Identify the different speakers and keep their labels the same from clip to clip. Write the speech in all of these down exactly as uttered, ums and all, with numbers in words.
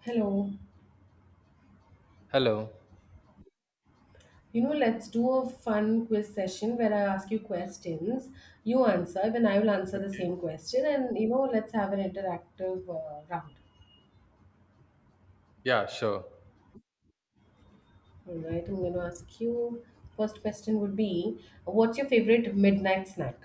Speaker 1: Hello.
Speaker 2: Hello.
Speaker 1: You know, let's do a fun quiz session where I ask you questions, you answer, then I will answer the
Speaker 2: Okay.
Speaker 1: same question, and you know, let's have an interactive uh, round.
Speaker 2: Yeah, sure.
Speaker 1: All right, I'm going to ask you. First question would be, what's your favorite midnight snack?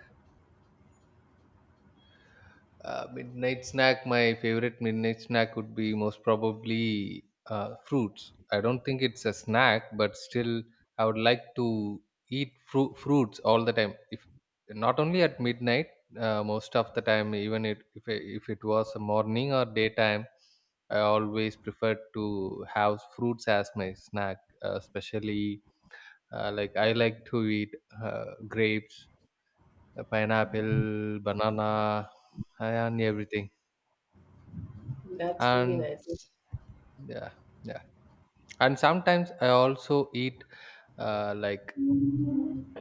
Speaker 2: Uh, midnight snack. My favorite midnight snack would be most probably uh, fruits. I don't think it's a snack, but still, I would like to eat fru- fruits all the time. If not only at midnight, uh, most of the time, even it, if if it was a morning or daytime, I always prefer to have fruits as my snack. Uh, especially uh, like I like to eat uh, grapes, uh, pineapple, banana, and everything.
Speaker 1: That's really
Speaker 2: And
Speaker 1: nice.
Speaker 2: yeah, yeah. And sometimes I also eat uh, like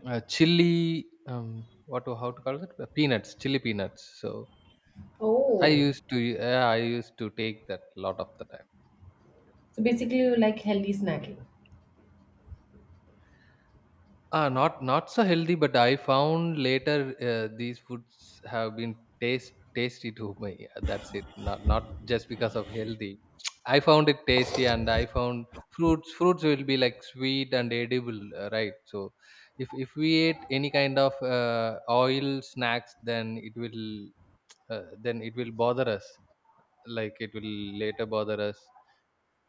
Speaker 2: uh, chili. Um, what to how to call it? Uh, Peanuts, chili peanuts. So I
Speaker 1: Oh,
Speaker 2: used to, yeah, I used to take that lot of the time.
Speaker 1: so basically you like healthy snacking.
Speaker 2: Ah, not not so healthy, but I found later uh, these foods have been taste tasty to me. That's it. Not not just because of healthy. I found it tasty, and I found fruits. Fruits will be like sweet and edible, uh, right? So, if if we ate any kind of uh, oil snacks, then it will, uh, then it will bother us. Like it will later bother us,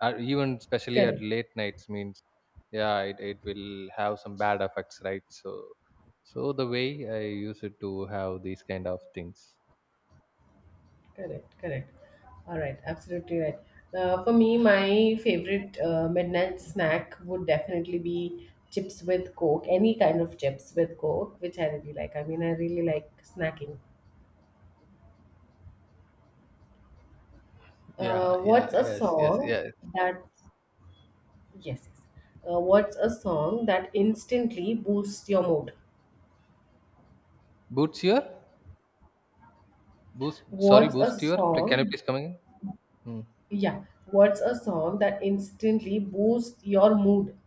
Speaker 2: uh, even especially
Speaker 1: Correct.
Speaker 2: at late nights means yeah it, it will have some bad effects, right? So so the way I use it to have these kind of things.
Speaker 1: Correct, correct. All right, absolutely right. Uh, for me, my favorite uh, midnight snack would definitely be chips with Coke, any kind of chips with Coke, which I really like. I mean, I really like snacking.
Speaker 2: Yeah,
Speaker 1: Uh,
Speaker 2: yeah,
Speaker 1: what's a
Speaker 2: yes, yes,
Speaker 1: song
Speaker 2: yes.
Speaker 1: that, yes, yes. Uh, what's a song that instantly boosts your mood?
Speaker 2: Boost your boost sorry,
Speaker 1: What's a
Speaker 2: boost your, can you
Speaker 1: song,
Speaker 2: please come again? Hmm.
Speaker 1: yeah, what's a song that instantly boosts your mood?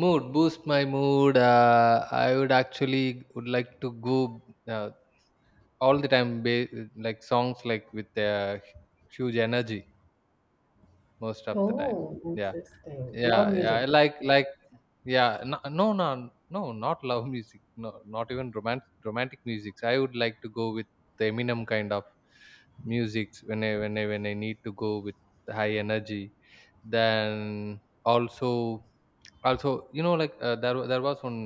Speaker 2: Mood, boost my mood, uh, I would actually would like to go, uh, all the time, ba- like songs like with, uh, huge energy most of the time.
Speaker 1: Oh,
Speaker 2: Yeah,
Speaker 1: interesting.
Speaker 2: yeah,
Speaker 1: Loud
Speaker 2: yeah, I
Speaker 1: music.
Speaker 2: like like yeah, no, no, no, no, not love music. No, not even romantic romantic musics. I would like to go with the Eminem kind of musics when I when I when I need to go with high energy. Then also also you know like, uh, there wa- there was one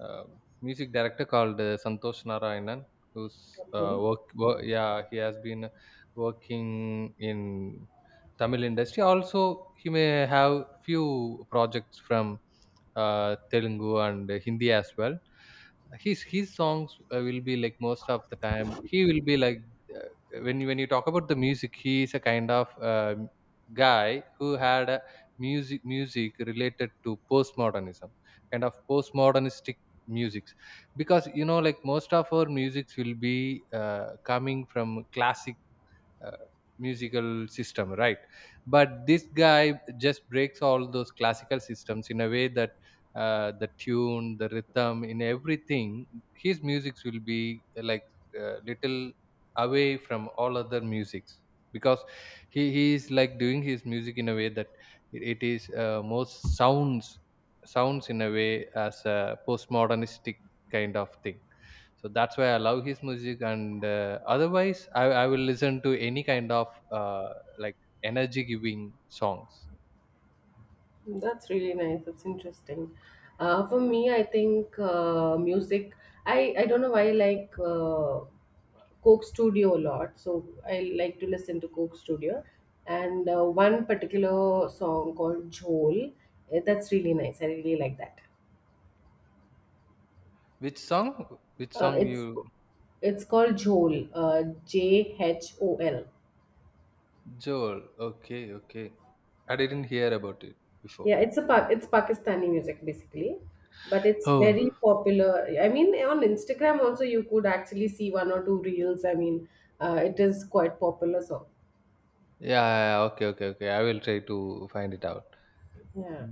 Speaker 2: uh, music director called uh, Santosh Narayanan who's uh,
Speaker 1: Okay.
Speaker 2: work, work, yeah, he has been working in Tamil industry. Also he may have few projects from uh, Telugu and Hindi as well. His his songs, uh, will be like most of the time he will be like, uh, when you- when you talk about the music, he is a kind of uh, guy who had a music music related to postmodernism, kind of postmodernistic musics, because you know like most of our musics will be, uh, coming from classic uh, musical system, right? But this guy just breaks all those classical systems in a way that, uh, the tune, the rhythm, in everything his musics will be, uh, like uh, little away from all other musics because he, he is like doing his music in a way that it it is, uh, most sounds sounds in a way as a postmodernistic kind of thing. So that's why I love his music, and uh, otherwise I, I will listen to any kind of uh, like energy giving songs.
Speaker 1: That's really nice. That's interesting. Uh, for me, I think uh, music. I I don't know why I like uh, Coke Studio a lot. So I like to listen to Coke Studio, and uh, one particular song called "Jhol." eh, That's really nice. I really like that.
Speaker 2: Which song which
Speaker 1: Uh,
Speaker 2: song
Speaker 1: it's
Speaker 2: you?
Speaker 1: it's called "Jhol." Uh, J H O L.
Speaker 2: Joel, okay, okay, I didn't hear about it before.
Speaker 1: Yeah, it's a pa- it's Pakistani music basically, but it's
Speaker 2: Oh,
Speaker 1: very popular. I mean, on Instagram also you could actually see one or two reels. I mean, uh, it is quite popular song.
Speaker 2: yeah, yeah, okay, okay, okay, I will try to find it out.
Speaker 1: Yeah.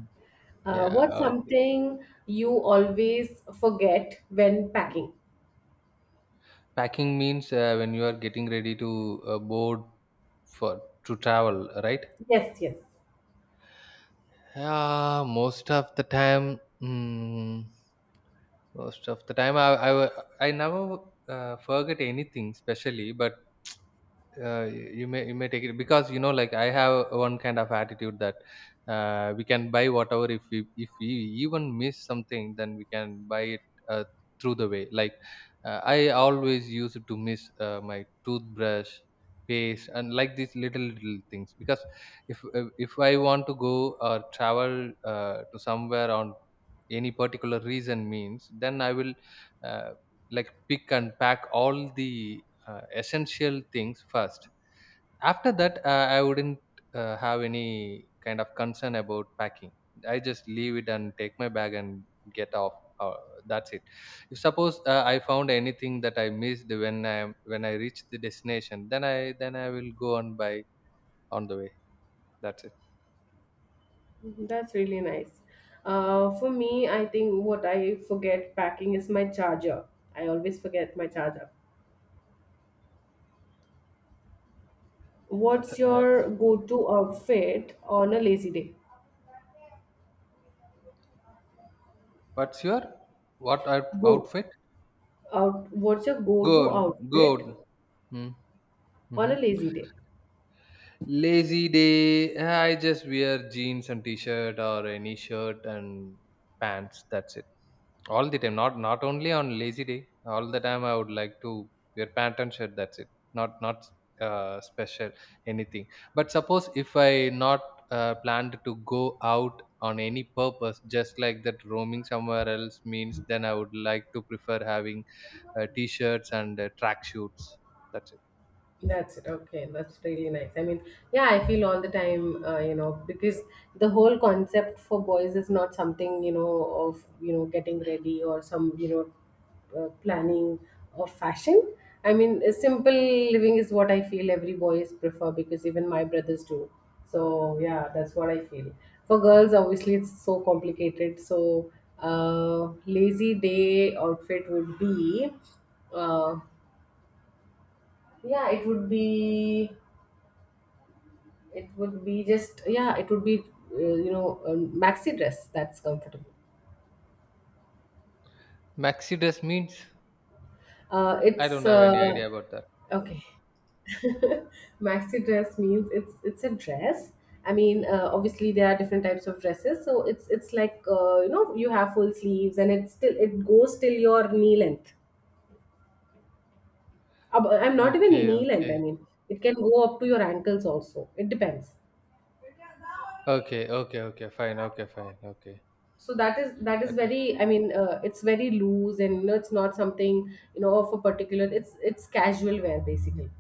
Speaker 1: Uh,
Speaker 2: Yeah,
Speaker 1: what's
Speaker 2: okay.
Speaker 1: something you always forget when packing?
Speaker 2: Packing means, uh, when you are getting ready to uh, board for, to travel, right?
Speaker 1: Yes, yes.
Speaker 2: Yeah, most of the time, mm, most of the time, I I, I never, uh, forget anything, specially. But, uh, y- you may, you may take it because you know like I have one kind of attitude that, uh, we can buy whatever if we if we even miss something, then we can buy it, uh, through the way like, uh, I always used to miss uh, my toothbrush paste and like these little little things because if, uh, if I want to go or travel uh, to somewhere on any particular reason means, then I will, uh, like pick and pack all the uh, essential things first. After that, uh, I wouldn't, uh, have any kind of concern about packing. I just leave it and take my bag and get off, uh, that's it. If suppose, uh, I found anything that I missed when i when i reach the destination, then i then i will go and buy on the way, that's it.
Speaker 1: Mhm, that's really nice. Uh, for me, I think what I forget packing is my charger. I always forget my charger.
Speaker 2: Uh,
Speaker 1: What's
Speaker 2: th-
Speaker 1: your
Speaker 2: that's
Speaker 1: go-to outfit on a lazy day?
Speaker 2: what's your what out-
Speaker 1: Go.
Speaker 2: outfit
Speaker 1: Out, what's your
Speaker 2: Go
Speaker 1: go-to
Speaker 2: on, go on.
Speaker 1: outfit
Speaker 2: Hmm.
Speaker 1: on
Speaker 2: Mhm.
Speaker 1: a lazy day?
Speaker 2: Lazy day, I just wear jeans and t-shirt or any shirt and pants. That's it. All the time. Not not only on lazy day. All the time I would like to wear pant and shirt. That's it. Not not, uh, special anything. But suppose if I not, uh, planned to go out on any purpose, just like that roaming somewhere else means, then I would like to prefer having, uh, t-shirts and uh, track shoots. That's it.
Speaker 1: That's it. Okay, that's really nice. I mean, yeah, I feel all the time, uh, you know, because the whole concept for boys is not something, you know, of, you know, getting ready or some, you know, uh, planning of fashion. I mean, a simple living is what I feel every boys prefer because even my brothers do. So, yeah, that's what I feel. For girls, obviously, it's so complicated. So, uh, lazy day outfit would be, uh, yeah, it would be It would be just yeah. It would be uh, you know a maxi dress that's comfortable.
Speaker 2: Maxi dress means
Speaker 1: Uh,
Speaker 2: I
Speaker 1: it's
Speaker 2: don't have
Speaker 1: uh,
Speaker 2: any idea about that.
Speaker 1: okay. Maxi dress means it's it's a dress. I mean, uh, obviously there are different types of dresses. So it's it's like uh, you know you have full sleeves and it still it goes till your knee length. Ab- I'm not even
Speaker 2: Okay,
Speaker 1: knee length. I
Speaker 2: okay.
Speaker 1: mean, it can go up to your ankles also. It depends.
Speaker 2: Okay, okay, okay, fine, okay, fine, okay.
Speaker 1: So that is that is
Speaker 2: Okay.
Speaker 1: very I mean uh, it's very loose and you know it's not something you know of a particular it's it's casual wear basically.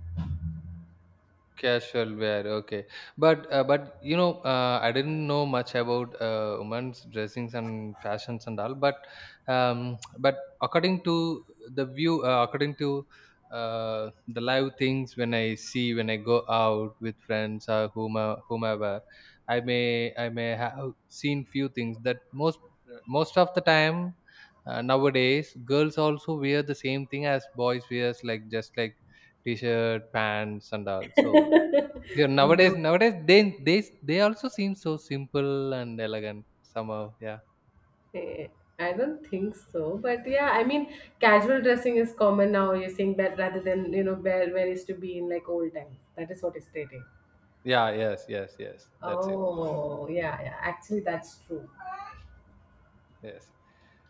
Speaker 2: Casual wear, okay. But uh, but you know, uh, I didn't know much about uh, women's dressings and fashions and all. But um, but according to the view, uh, according to uh, the live things, when I see when I go out with friends or whomever, whomever, I may I may have seen few things that most most of the time, uh, nowadays girls also wear the same thing as boys wears, like just like t-shirt, pants, and all. So yeah, nowadays
Speaker 1: No,
Speaker 2: nowadays they they they also seem so simple and elegant somehow. Yeah.
Speaker 1: eh, I don't think so, but yeah, I mean casual dressing is common now. You're saying that rather than you know where where used to be in like old times. That is what is stating.
Speaker 2: Yeah, yes, yes, yes. That's it.
Speaker 1: Oh yeah, yeah, actually that's true.
Speaker 2: Yes.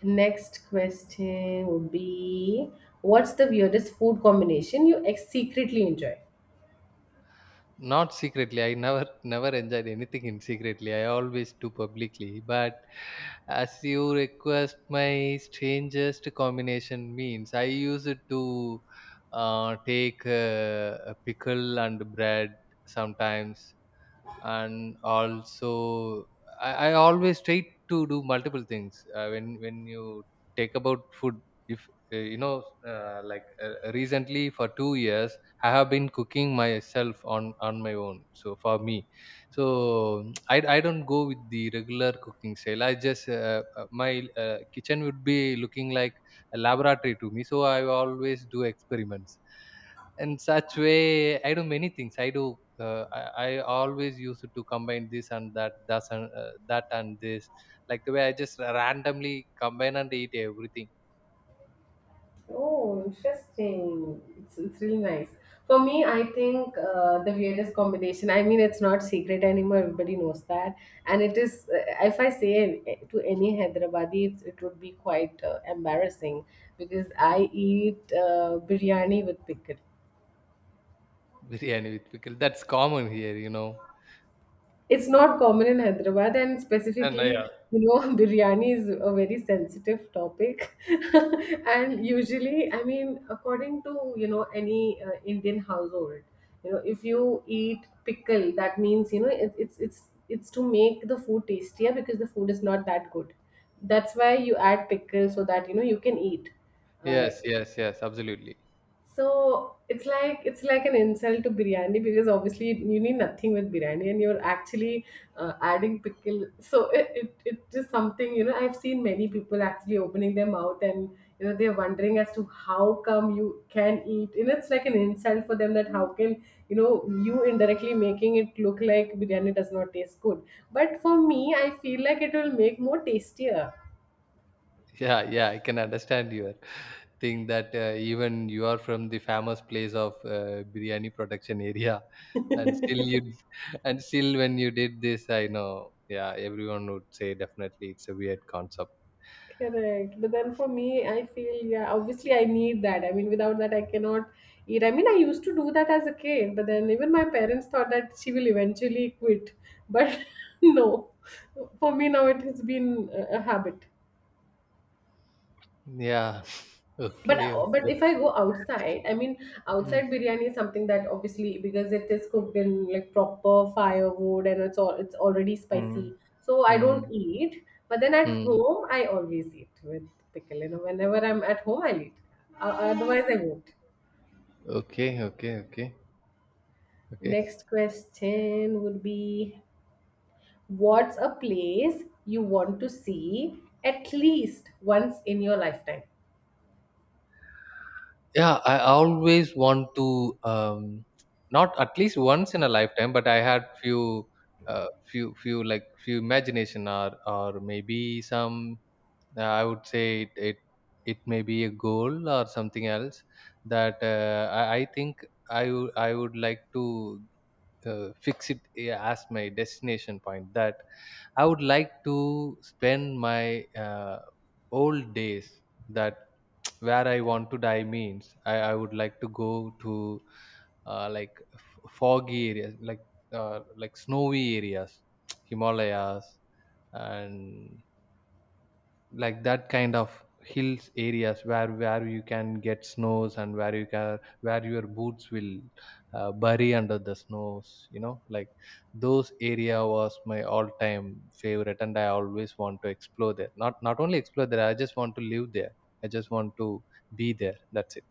Speaker 1: Next question would be, what's the weirdest food combination you ex- secretly enjoy?
Speaker 2: Not secretly. I never never enjoyed anything in secretly. I always do publicly. But as you request my strangest combination means I use it to uh, take uh, a pickle and bread sometimes. And also I, I always try to do multiple things uh, when when you take about food. If, uh, you know uh, like uh, recently for two years I have been cooking myself on on my own. So for me, so i i don't go with the regular cooking style. I just, uh, uh, my uh, kitchen would be looking like a laboratory to me, so I always do experiments. And such way I do many things, I do, uh, I, I always used to combine this and that thus and uh, that and this, like the way I just randomly combine and eat everything.
Speaker 1: Oh, interesting. It's, it's really nice. For me, I think uh, the weirdest combination, I mean, it's not secret anymore. Everybody knows that. And it is, uh, if I say it eh, to any Hyderabadi, it's, it would be quite uh, embarrassing because I eat uh, biryani with pickle.
Speaker 2: Biryani with pickle, that's common here, you know.
Speaker 1: It's not common in Hyderabad, and
Speaker 2: And uh, yeah,
Speaker 1: specifically, you know, biryani is a very sensitive topic. And usually, I mean, according to, you know, any uh, Indian household, you know, if you eat pickle, that means, you know, it, it's it's it's to make the food tastier because the food is not that good. That's why you add pickle so that, you know, you can eat. Uh,
Speaker 2: yes, yes, yes, absolutely.
Speaker 1: so it's like it's like an insult to biryani because obviously you need nothing with biryani and you're actually uh, adding pickle. So it, it it just something you know I've seen many people actually opening their mouth and you know they're wondering as to how come you can eat and it's like an insult for them that how can you know you indirectly making it look like biryani does not taste good. But for me, I feel like it will make more tastier.
Speaker 2: Yeah, yeah, I can understand your thing that, uh, even you are from the famous place of uh, biryani production area, and still you and still when you did this, I know, yeah, everyone would say definitely it's a weird concept.
Speaker 1: Correct. But then for me, I feel, yeah, obviously I need that. I mean, without that, I cannot eat. I mean, I used to do that as a kid, but then even my parents thought that she will eventually quit. But no, for me now, it has been a a habit.
Speaker 2: Yeah.
Speaker 1: But
Speaker 2: Okay,
Speaker 1: uh, but
Speaker 2: okay.
Speaker 1: if I go outside, I mean,
Speaker 2: Mm,
Speaker 1: outside biryani is something that obviously because it is cooked in like proper firewood and it's all it's already
Speaker 2: mm,
Speaker 1: spicy, so I don't
Speaker 2: mm,
Speaker 1: eat. But then at
Speaker 2: mm.
Speaker 1: home, I always eat with pickle. You know, whenever I'm at home, I'll eat. O- Otherwise, I won't.
Speaker 2: Okay, okay, okay, okay.
Speaker 1: Next question would be, what's a place you want to see at least once in your lifetime?
Speaker 2: Yeah, I always want to, um not at least once in a lifetime, but I had few uh few few like few imagination or or maybe some, uh, I would say it, it it may be a goal or something else that, uh, I, I think I would I would like to, uh, fix it, yeah, as my destination point that I would like to spend my, uh, old days, that where I want to die means, I, I would like to go to, uh, like f- foggy areas like, uh, like snowy areas, Himalayas, and like that kind of hills areas where where you can get snows and where you can where your boots will, uh, bury under the snows, you know, like those area was my all time favorite, and I always want to explore there. Not not only explore there, I just want to live there, I just want to be there, that's it.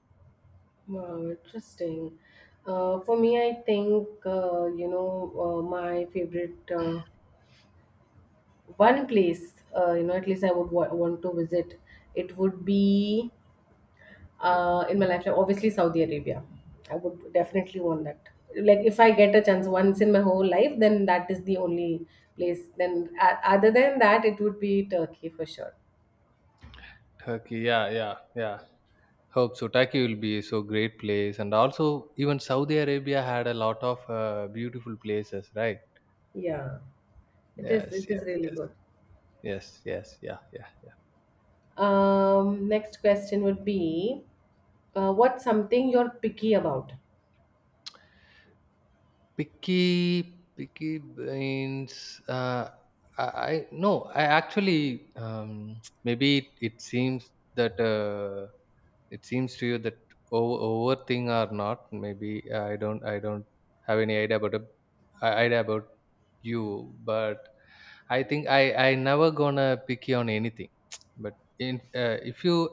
Speaker 1: Wow, interesting. Uh, for me, I think uh, you know uh, my favorite uh, one place. Uh, you know, at least I would wa- want to visit. It would be uh, in my lifetime. Obviously, Saudi Arabia. I would definitely want that. Like, if I get a chance once in my whole life, then that is the only place. Then, uh, other than that, it would be Turkey for sure.
Speaker 2: Turkey, yeah, yeah, yeah, hope so Turkey will be so great place, and also even Saudi Arabia had a lot of uh, beautiful places, right?
Speaker 1: Yeah, it is.
Speaker 2: Yes,
Speaker 1: It is
Speaker 2: yes,
Speaker 1: really
Speaker 2: yes.
Speaker 1: good.
Speaker 2: Yes, yes, yeah, yeah, yeah.
Speaker 1: Um, next question would be. Uh, what's something you're picky about?
Speaker 2: Picky, picky brains. Uh, I, I no, I actually um, maybe it, it seems that uh, it seems to you that over, over thing or not maybe uh, i don't i don't have any idea about it- uh, idea about you. But I think i i never gonna pick you on anything. But in, uh, if you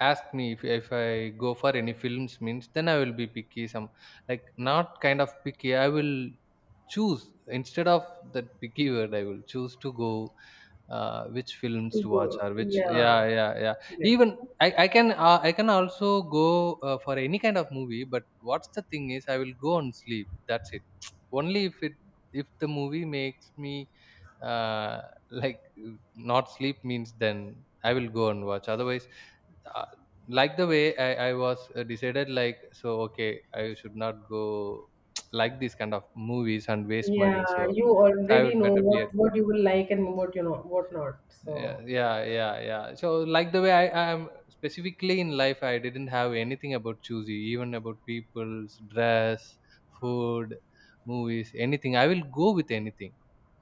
Speaker 2: ask me if, if I go for any films means, then I will be picky. Some like, not kind of picky, I will choose. Instead of that picky word, I will choose to go, uh, which films
Speaker 1: To
Speaker 2: to watch
Speaker 1: go.
Speaker 2: or which.
Speaker 1: Yeah,
Speaker 2: Yeah, yeah, yeah.
Speaker 1: correct.
Speaker 2: Even i, I can uh, I can also go uh, for any kind of movie, but what's the thing is I will go and sleep, that's it. Only if it, if the movie makes me uh, like uh, not sleep means, then I will go and watch. Otherwise, uh, like the way I, I was uh, decided like, so okay, I should not go like these kind of movies and waste money.
Speaker 1: Yeah,
Speaker 2: So
Speaker 1: you
Speaker 2: I
Speaker 1: already
Speaker 2: would
Speaker 1: know
Speaker 2: better be at.
Speaker 1: what what you will like and what you know what not.
Speaker 2: Yeah,
Speaker 1: So.
Speaker 2: yeah, yeah, yeah. So like the way i i am specifically in life, I didn't have anything about choosy, even about people's dress, food, movies, anything. I will go with anything.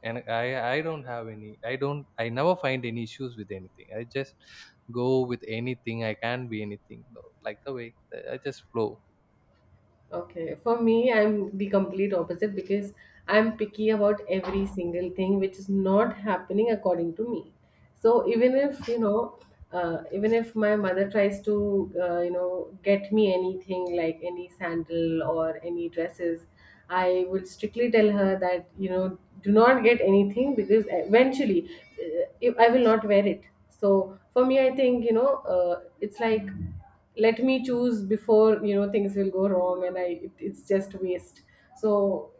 Speaker 2: And i i don't have any, I don't, I never find any issues with anything. I just go with anything, I can be anything. No, like the way I just flow.
Speaker 1: Okay, for me, I'm the complete opposite because I'm picky about every single thing which is not happening according to me. So even if, you know, uh, even if my mother tries to, uh, you know, get me anything like any sandal or any dresses, I will strictly tell her that, you know, do not get anything because eventually uh, if I will not wear it. So for me, I think, you know, uh, it's like let me choose before you know things will go wrong and i it, it's just waste. So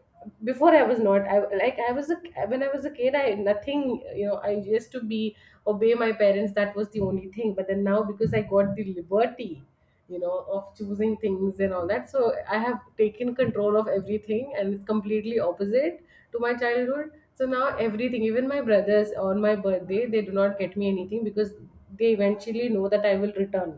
Speaker 1: before I was not i like I was a when I was a kid i nothing. You know, I used to be obey my parents, that was the only thing, but then now because I got the liberty, you know, of choosing things and all that, so I have taken control of everything and it's completely opposite to my childhood. So now everything, even my brothers, on my birthday they do not get me anything because they eventually know that I will return.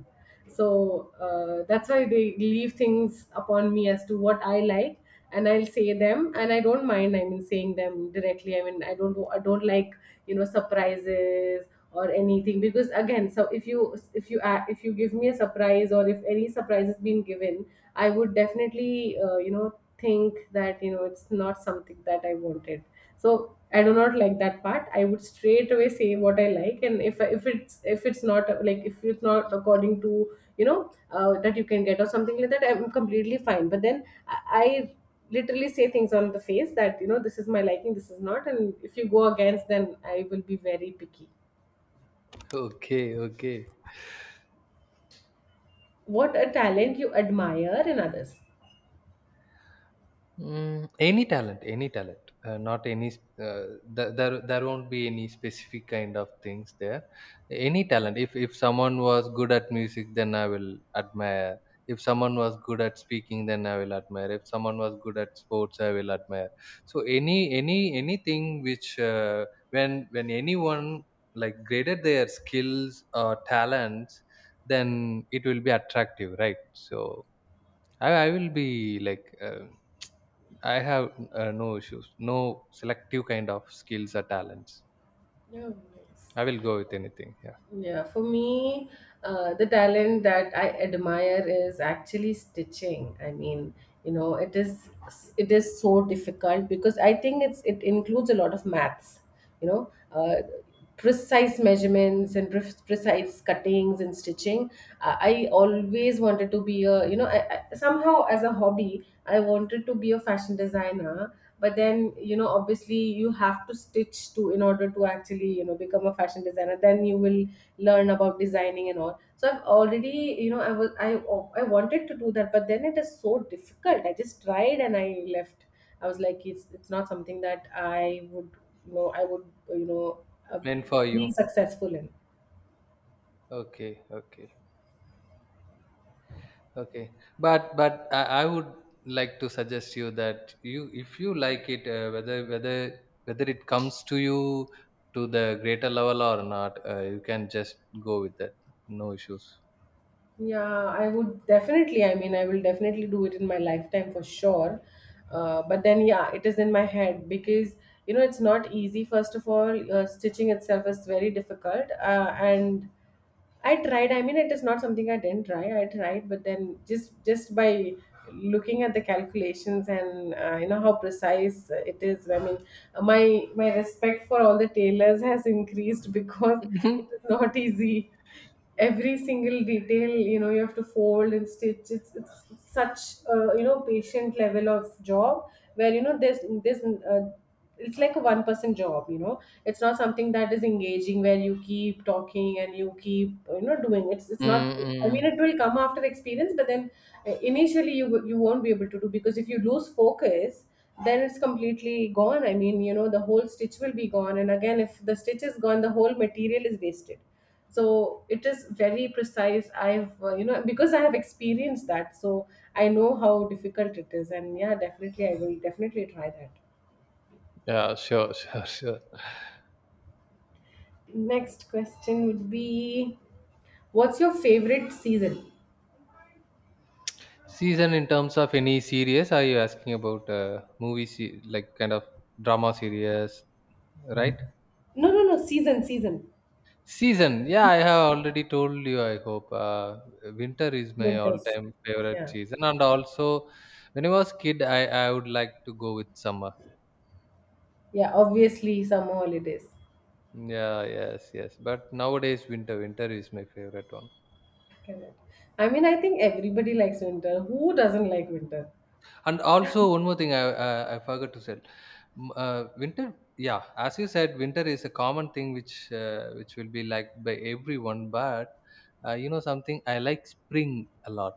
Speaker 1: So uh, that's why they leave things upon me as to what I like, and I'll say them. And I don't mind, I mean, saying them directly. I mean, I don't i don't like, you know, surprises or anything because again, so if you if you a- if you give me a surprise or if any surprise has been given, I would definitely uh, you know think that you know it's not something that I wanted, so I do not like that part. I would straight away say what I like, and if if it's if it's not like if it's not according to, you know, uh, that you can get or something like that, I'm completely fine. But then i I literally say things on the face that you know this is my liking, this is not, and if you go against, then I will be very picky.
Speaker 2: Okay, okay.
Speaker 1: What a talent you admire in others?
Speaker 2: Mm, any talent, any talent, uh, not any. s- Uh, th- there, there won't be any specific kind of things there. Any talent. If if someone was good at music, then I will admire. If someone was good at speaking, then I will admire. If someone was good at sports, I will admire. So any any anything which, uh, when when anyone like graded their skills or talents, then it will be attractive, right? So I I will be like. Uh, I have uh, no issues, no selective kind of skills or talents.
Speaker 1: Oh, yes.
Speaker 2: I will go with anything. Yeah,
Speaker 1: Yeah, for me, uh, the talent that I admire is actually stitching. I mean, you know, it is it is so difficult because I think it's it includes a lot of maths. You know, uh, precise measurements and pre- precise cuttings and stitching. I, I always wanted to be a you know I, I, somehow as a hobby I wanted to be a fashion designer, but then you know obviously you have to stitch to in order to actually you know become a fashion designer, then you will learn about designing and all. So I've already, you know, I was I I wanted to do that, but then it is so difficult. I just tried and I left. I was like, it's it's not something that I would, you know, I would, you know, uh,
Speaker 2: meant for
Speaker 1: be
Speaker 2: you.
Speaker 1: successful in.
Speaker 2: Okay, okay, okay. But but I, I would like to suggest you that you, if you like it, uh, whether whether whether it comes to you to the greater level or not, uh, you can just go with that. No issues.
Speaker 1: Yeah, I would definitely. I mean, I will definitely do it in my lifetime for sure. Uh, but then, yeah, it is in my head because you know it's not easy. First of all, uh, stitching itself is very difficult, uh, and I tried. I mean, it is not something I didn't try. I tried, but then just just by looking at the calculations and uh, you know how precise it is. I mean, my my respect for all the tailors has increased because it is not easy. Every single detail, you know, you have to fold and stitch. It's it's such a you know patient level of job where you know there's there's uh, it's like a one person job, you know it's not something that is engaging where you keep talking and you keep, you know doing. It's it's not I
Speaker 2: Mm-hmm.
Speaker 1: mean, it
Speaker 2: Mm.
Speaker 1: will come after experience. But then uh, initially, you w- you won't be able to do, because if you lose focus, then it's completely gone. I mean, you know, the whole stitch will be gone, and again, if the stitch is gone, the whole material is wasted. So it is very precise. I've uh, you know because I have experienced that. So I know how difficult it is, and yeah, definitely, I will definitely try that.
Speaker 2: Yeah, sure, sure, sure.
Speaker 1: Next question would be, what's your favorite season?
Speaker 2: Season in terms of any series? Are you asking about uh, movie se- like kind of drama series, right?
Speaker 1: No, no, no, season, season.
Speaker 2: Season, yeah, I have already told you. I hope uh, winter is my
Speaker 1: Winters.
Speaker 2: all-time favorite
Speaker 1: Yeah.
Speaker 2: season, and also when I was kid, I I would like to go with summer.
Speaker 1: Yeah, obviously summer holidays.
Speaker 2: Yeah, yes, yes. But nowadays, winter, winter is my favorite one.
Speaker 1: Correct. I mean, I think everybody likes winter. Who doesn't like winter?
Speaker 2: And also one more thing I I, I forgot to say. M- Uh, winter, yeah, as you said, winter is a common thing which, uh, which will be liked by everyone. But uh, you know something, I like spring a lot.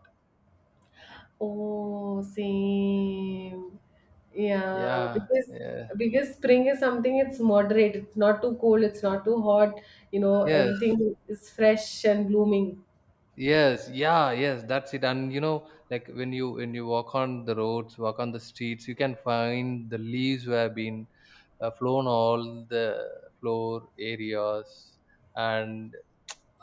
Speaker 1: Oh, same. Yeah,
Speaker 2: Yeah,
Speaker 1: because
Speaker 2: yeah,
Speaker 1: because spring is something, it's moderate. It's not too cold. It's not too hot. You know,
Speaker 2: yes,
Speaker 1: everything is fresh and blooming.
Speaker 2: yes, yeah, yes. That's it. And you know, like when you when you walk on the roads, walk on the streets, you can find the leaves who have been uh, flown all the floor areas, and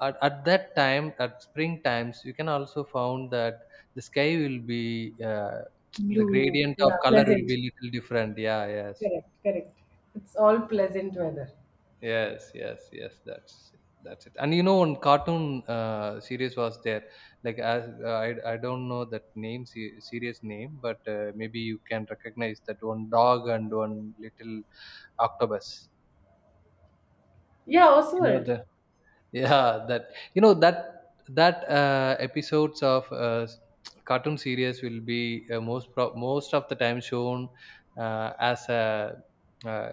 Speaker 2: at, at that time at spring times, you can also found that the sky will be uh, the
Speaker 1: Blue.
Speaker 2: gradient of
Speaker 1: Yeah,
Speaker 2: color will be
Speaker 1: pleasant.
Speaker 2: little different. Yeah, yes,
Speaker 1: Correct, correct. It's all pleasant weather.
Speaker 2: yes, yes, yes, that's it, that's it. And you know, one cartoon uh, series was there, like as uh, I, I don't know that name, se- series name, but uh, maybe you can recognize that, one dog and one little octopus.
Speaker 1: Yeah,
Speaker 2: You know
Speaker 1: Oswald.
Speaker 2: the, yeah, that, you know that, that uh, episodes of uh, s- cartoon series will be uh, most pro- most of the time shown uh, as a uh,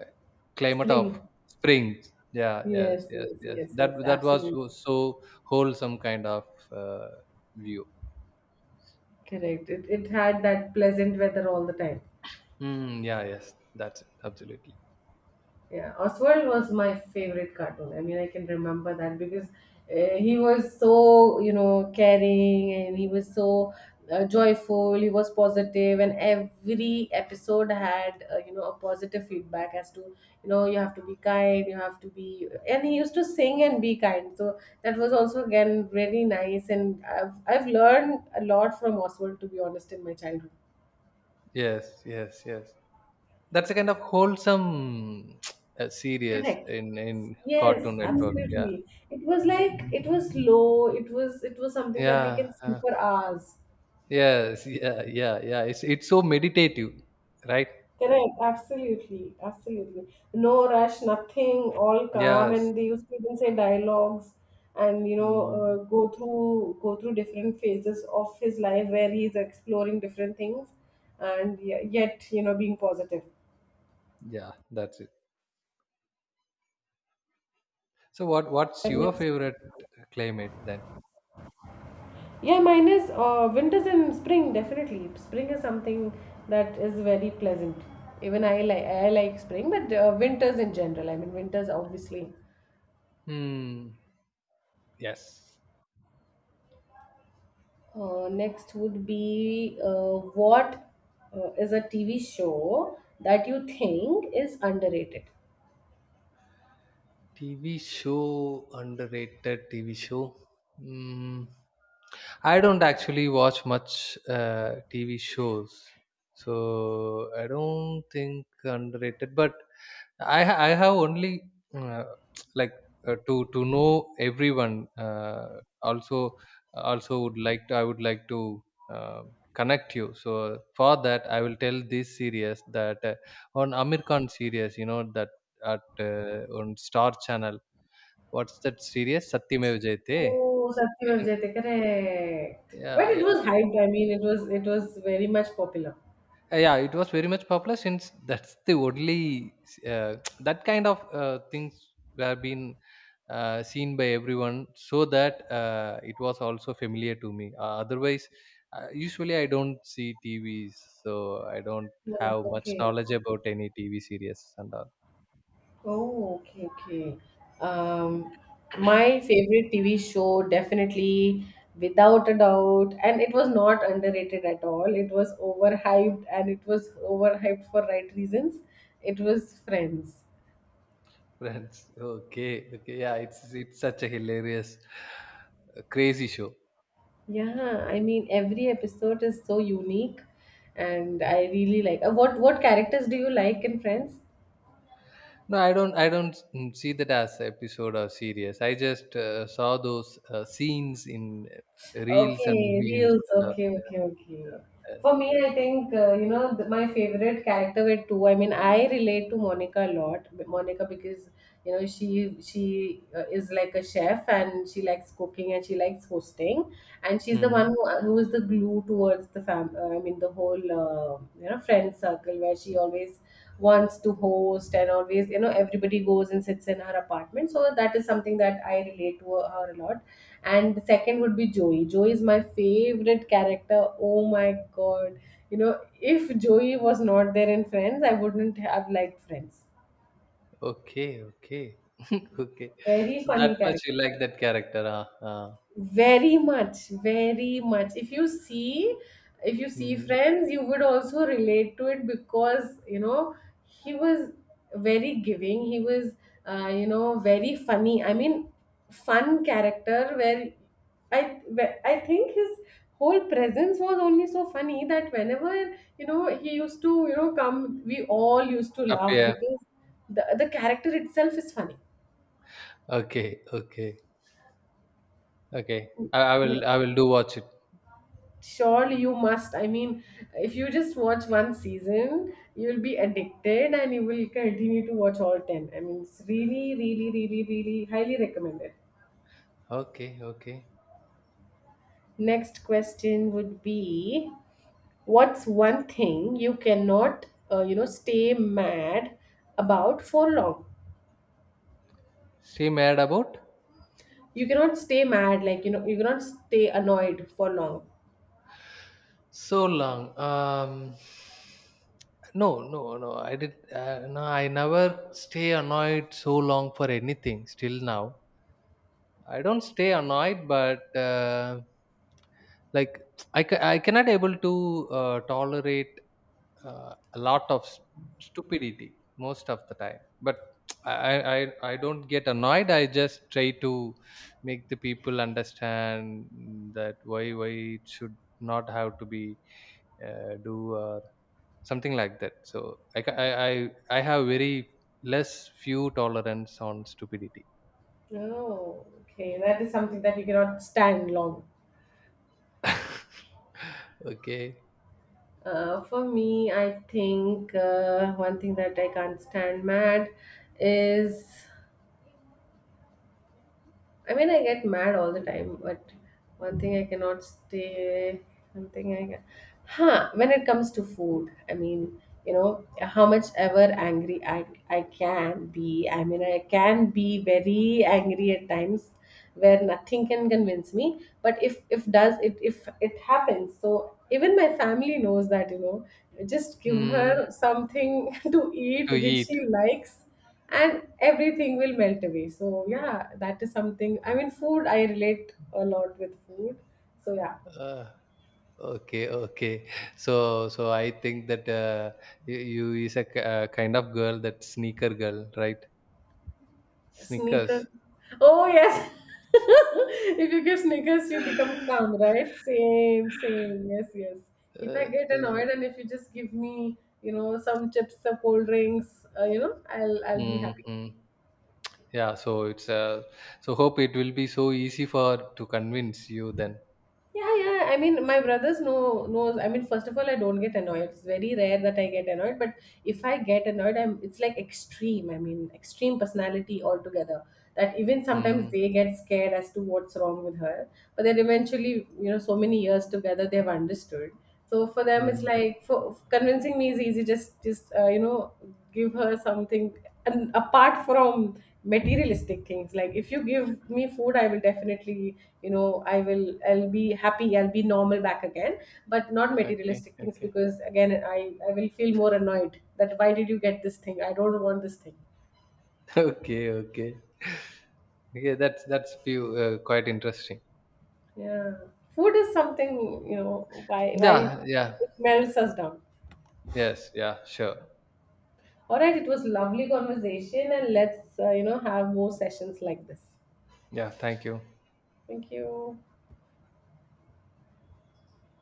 Speaker 2: climate of
Speaker 1: Spring.
Speaker 2: spring. Yeah, yes,
Speaker 1: Yes,
Speaker 2: yes,
Speaker 1: yes,
Speaker 2: yes,
Speaker 1: yes, yes.
Speaker 2: that that was so
Speaker 1: Absolutely.
Speaker 2: so wholesome kind of uh, view.
Speaker 1: Correct. It, it had that pleasant weather all the time.
Speaker 2: Mm, yeah, yes, that's it, absolutely.
Speaker 1: Yeah, Oswald was my favorite cartoon. I mean, I can remember that because uh, he was so, you know, caring, and he was so uh, joyful, he was positive, and every episode had, uh, you know, a positive feedback as to, you know, you have to be kind, you have to be. And he used to sing and be kind. So that was also, again, really nice. And I've, I've learned a lot from Oswald, to be honest, in my childhood.
Speaker 2: Yes, yes, yes, that's a kind of wholesome uh, series
Speaker 1: Correct.
Speaker 2: in in
Speaker 1: Yes,
Speaker 2: Cartoon Network, yeah.
Speaker 1: absolutely. It was like it was low. It was it was something that we
Speaker 2: Yeah,
Speaker 1: can see
Speaker 2: uh,
Speaker 1: for hours.
Speaker 2: yes, yeah, yeah, yeah. It's it's so meditative, right?
Speaker 1: Correct, absolutely, absolutely. No rush, nothing, all calm,
Speaker 2: Yes.
Speaker 1: and they used to even say dialogues, and you know, uh,
Speaker 2: Mm,
Speaker 1: go through go through different phases of his life where he's exploring different things, and ye- yet, you know, being positive.
Speaker 2: yeah, that's it. So what what's your
Speaker 1: That.
Speaker 2: favorite climate then?
Speaker 1: Yeah, mine is uh, winters and spring, definitely. Spring is something that is very pleasant. Even I like I like spring, but uh, winters in general. I mean, winters obviously.
Speaker 2: Hmm. Yes.
Speaker 1: Uh, next would be uh, what uh, is a T V show that you think is underrated?
Speaker 2: T V show, underrated T V show. Hmm. I don't actually watch much uh, T V shows, so I don't think underrated. But I ha- I have only uh, like uh, to to know everyone. Uh, also, also would like to, I would like to uh, connect you. So for that, I will tell this series, that uh, on Amir Khan series, you know that at, uh, on Star Channel. What's that series? Satyamev Jayate.
Speaker 1: Oh,
Speaker 2: Isn't
Speaker 1: Satyam
Speaker 2: it?
Speaker 1: Jayate, correct. But
Speaker 2: Yeah,
Speaker 1: it
Speaker 2: yeah,
Speaker 1: was hyped.
Speaker 2: yeah.
Speaker 1: I mean, it was it was very much popular.
Speaker 2: Uh, yeah, it was very much popular, since that's the only uh, that kind of uh, things were been uh, seen by everyone. So that uh, it was also familiar to me. uh, otherwise, uh, usually I don't see T Vs, so I don't
Speaker 1: Oh,
Speaker 2: have much
Speaker 1: okay.
Speaker 2: knowledge about any T V series and all.
Speaker 1: Oh, okay, okay. Um, my favorite T V show, definitely, without a doubt, and it was not underrated at all. It was overhyped, and it was overhyped for right reasons. It was Friends.
Speaker 2: Friends, okay, okay. Yeah, it's it's such a hilarious uh, crazy show.
Speaker 1: Yeah, I mean, every episode is so unique, and I really like. Uh, what what characters do you like in Friends?
Speaker 2: No, I don't. I don't, mm, see that as episode or series. I just uh, saw those uh, scenes in uh, reels and
Speaker 1: Okay,
Speaker 2: memes.
Speaker 1: reels.
Speaker 2: And, uh,
Speaker 1: Okay, okay, okay.
Speaker 2: yes,
Speaker 1: For me,
Speaker 2: yes.
Speaker 1: I think, uh, you know, the, my favorite character were two. I mean, I relate to Monica a lot. But Monica, because, you know, she she uh, is like a chef, and she likes cooking, and she likes hosting, and she's the one
Speaker 2: Hmm.
Speaker 1: who, uh, who is the glue towards the fam. Uh, I mean, the whole uh, uh, you know, friend circle where she always wants to host, and always, you know, everybody goes and sits in her apartment. So that is something that I relate to her a lot. And second would be Joey. Joey is my favorite character. Oh my god. You know, if Joey was not there in Friends, I wouldn't have liked Friends.
Speaker 2: Okay, okay, okay.
Speaker 1: Very
Speaker 2: So that
Speaker 1: funny
Speaker 2: much you
Speaker 1: character.
Speaker 2: like that character, huh? Uh,
Speaker 1: Very much, very much. If you see, if you see
Speaker 2: hmm.
Speaker 1: Friends, you would also relate to it because, you know, he was very giving. He was, uh, you know, very funny. I mean, fun character where I, where- I think his whole presence was only so funny that whenever, you know, he used to, you know, come, we all used to
Speaker 2: Up
Speaker 1: laugh
Speaker 2: here.
Speaker 1: because the, the character itself is funny.
Speaker 2: Okay, okay, okay. I, I
Speaker 1: Like,
Speaker 2: will. I will do watch it.
Speaker 1: surely you must. I mean, if you just watch one season, you'll be addicted, and you will continue to watch all ten. I mean, it's really, really, really, really highly recommended.
Speaker 2: Okay, okay.
Speaker 1: Next question would be, what's one thing you cannot, uh, you know, stay mad about for long?
Speaker 2: She mad about?
Speaker 1: You cannot stay mad, like, you know, you cannot stay annoyed for long.
Speaker 2: So long. Um, no, no, no. I did. Uh, no, I never stay annoyed so long for anything. Still now, I don't stay annoyed, but uh, like I, ca- I cannot able to uh, tolerate uh, a lot of s- stupidity most of the time. But I, I, I I don't get annoyed. I just try to make the people understand that why, why it should not have to be uh, do or something like that. So I ca- I I, I have very less, few tolerance on stupidity.
Speaker 1: Oh okay, that is something that you cannot stand long.
Speaker 2: Okay.
Speaker 1: Uh, for me, I think, uh, one thing that I can't stand mad is, I mean, I get mad all the time, but one thing I cannot stay, one thing I can. Huh, when it comes to food, I mean, you know, how much ever angry I, I can be, I mean, I can be very angry at times where nothing can convince me. But if if does it if it happens, so even my family knows that, you know, just give her
Speaker 2: Mm,
Speaker 1: something to
Speaker 2: to
Speaker 1: eat which
Speaker 2: eat.
Speaker 1: she likes, and everything will melt away. So yeah, that is something, I mean, food, I relate a lot with food. So yeah.
Speaker 2: Uh, okay, okay. So so I think that uh, you, you is a k- uh, kind of girl, that sneaker girl, right?
Speaker 1: Sneaker.
Speaker 2: Sneakers.
Speaker 1: Oh yes, if you give sneakers, you become calm, right? Same, same, yes, yes. If I
Speaker 2: Uh,
Speaker 1: get
Speaker 2: yeah.
Speaker 1: annoyed, and if you just give me, you know, some chips, some cold drinks, uh, you know, i'll I'll be happy.
Speaker 2: Mm-hmm. Yeah, so it's uh, so hope it will be so easy for to convince you then.
Speaker 1: Yeah, yeah. I mean, my brothers know knows. I mean, first of all, I don't get annoyed. It's very rare that I get annoyed. But if I get annoyed, I'm it's like extreme. I mean, extreme personality altogether. That, even sometimes,
Speaker 2: Mm-hmm.
Speaker 1: they get scared as to what's wrong with her. But then eventually, you know, so many years together, they've understood. So for them, it's like, for convincing me is easy. Just just uh, you know, give her something. And apart from materialistic things, like if you give me food, I will definitely, you know, I will I'll be happy. I'll be normal back again. But not
Speaker 2: Okay,
Speaker 1: materialistic things,
Speaker 2: okay.
Speaker 1: because again, I I will feel more annoyed, that why did you get this thing? I don't want this thing.
Speaker 2: Okay, okay. Okay, that's that's few uh, quite interesting.
Speaker 1: Yeah, food is something, you know, why why
Speaker 2: Yeah, yeah.
Speaker 1: it melts us down.
Speaker 2: Yes, yeah, sure.
Speaker 1: All right, it was lovely conversation, and let's, uh, you know, have more sessions like this.
Speaker 2: Yeah, thank you.
Speaker 1: Thank you.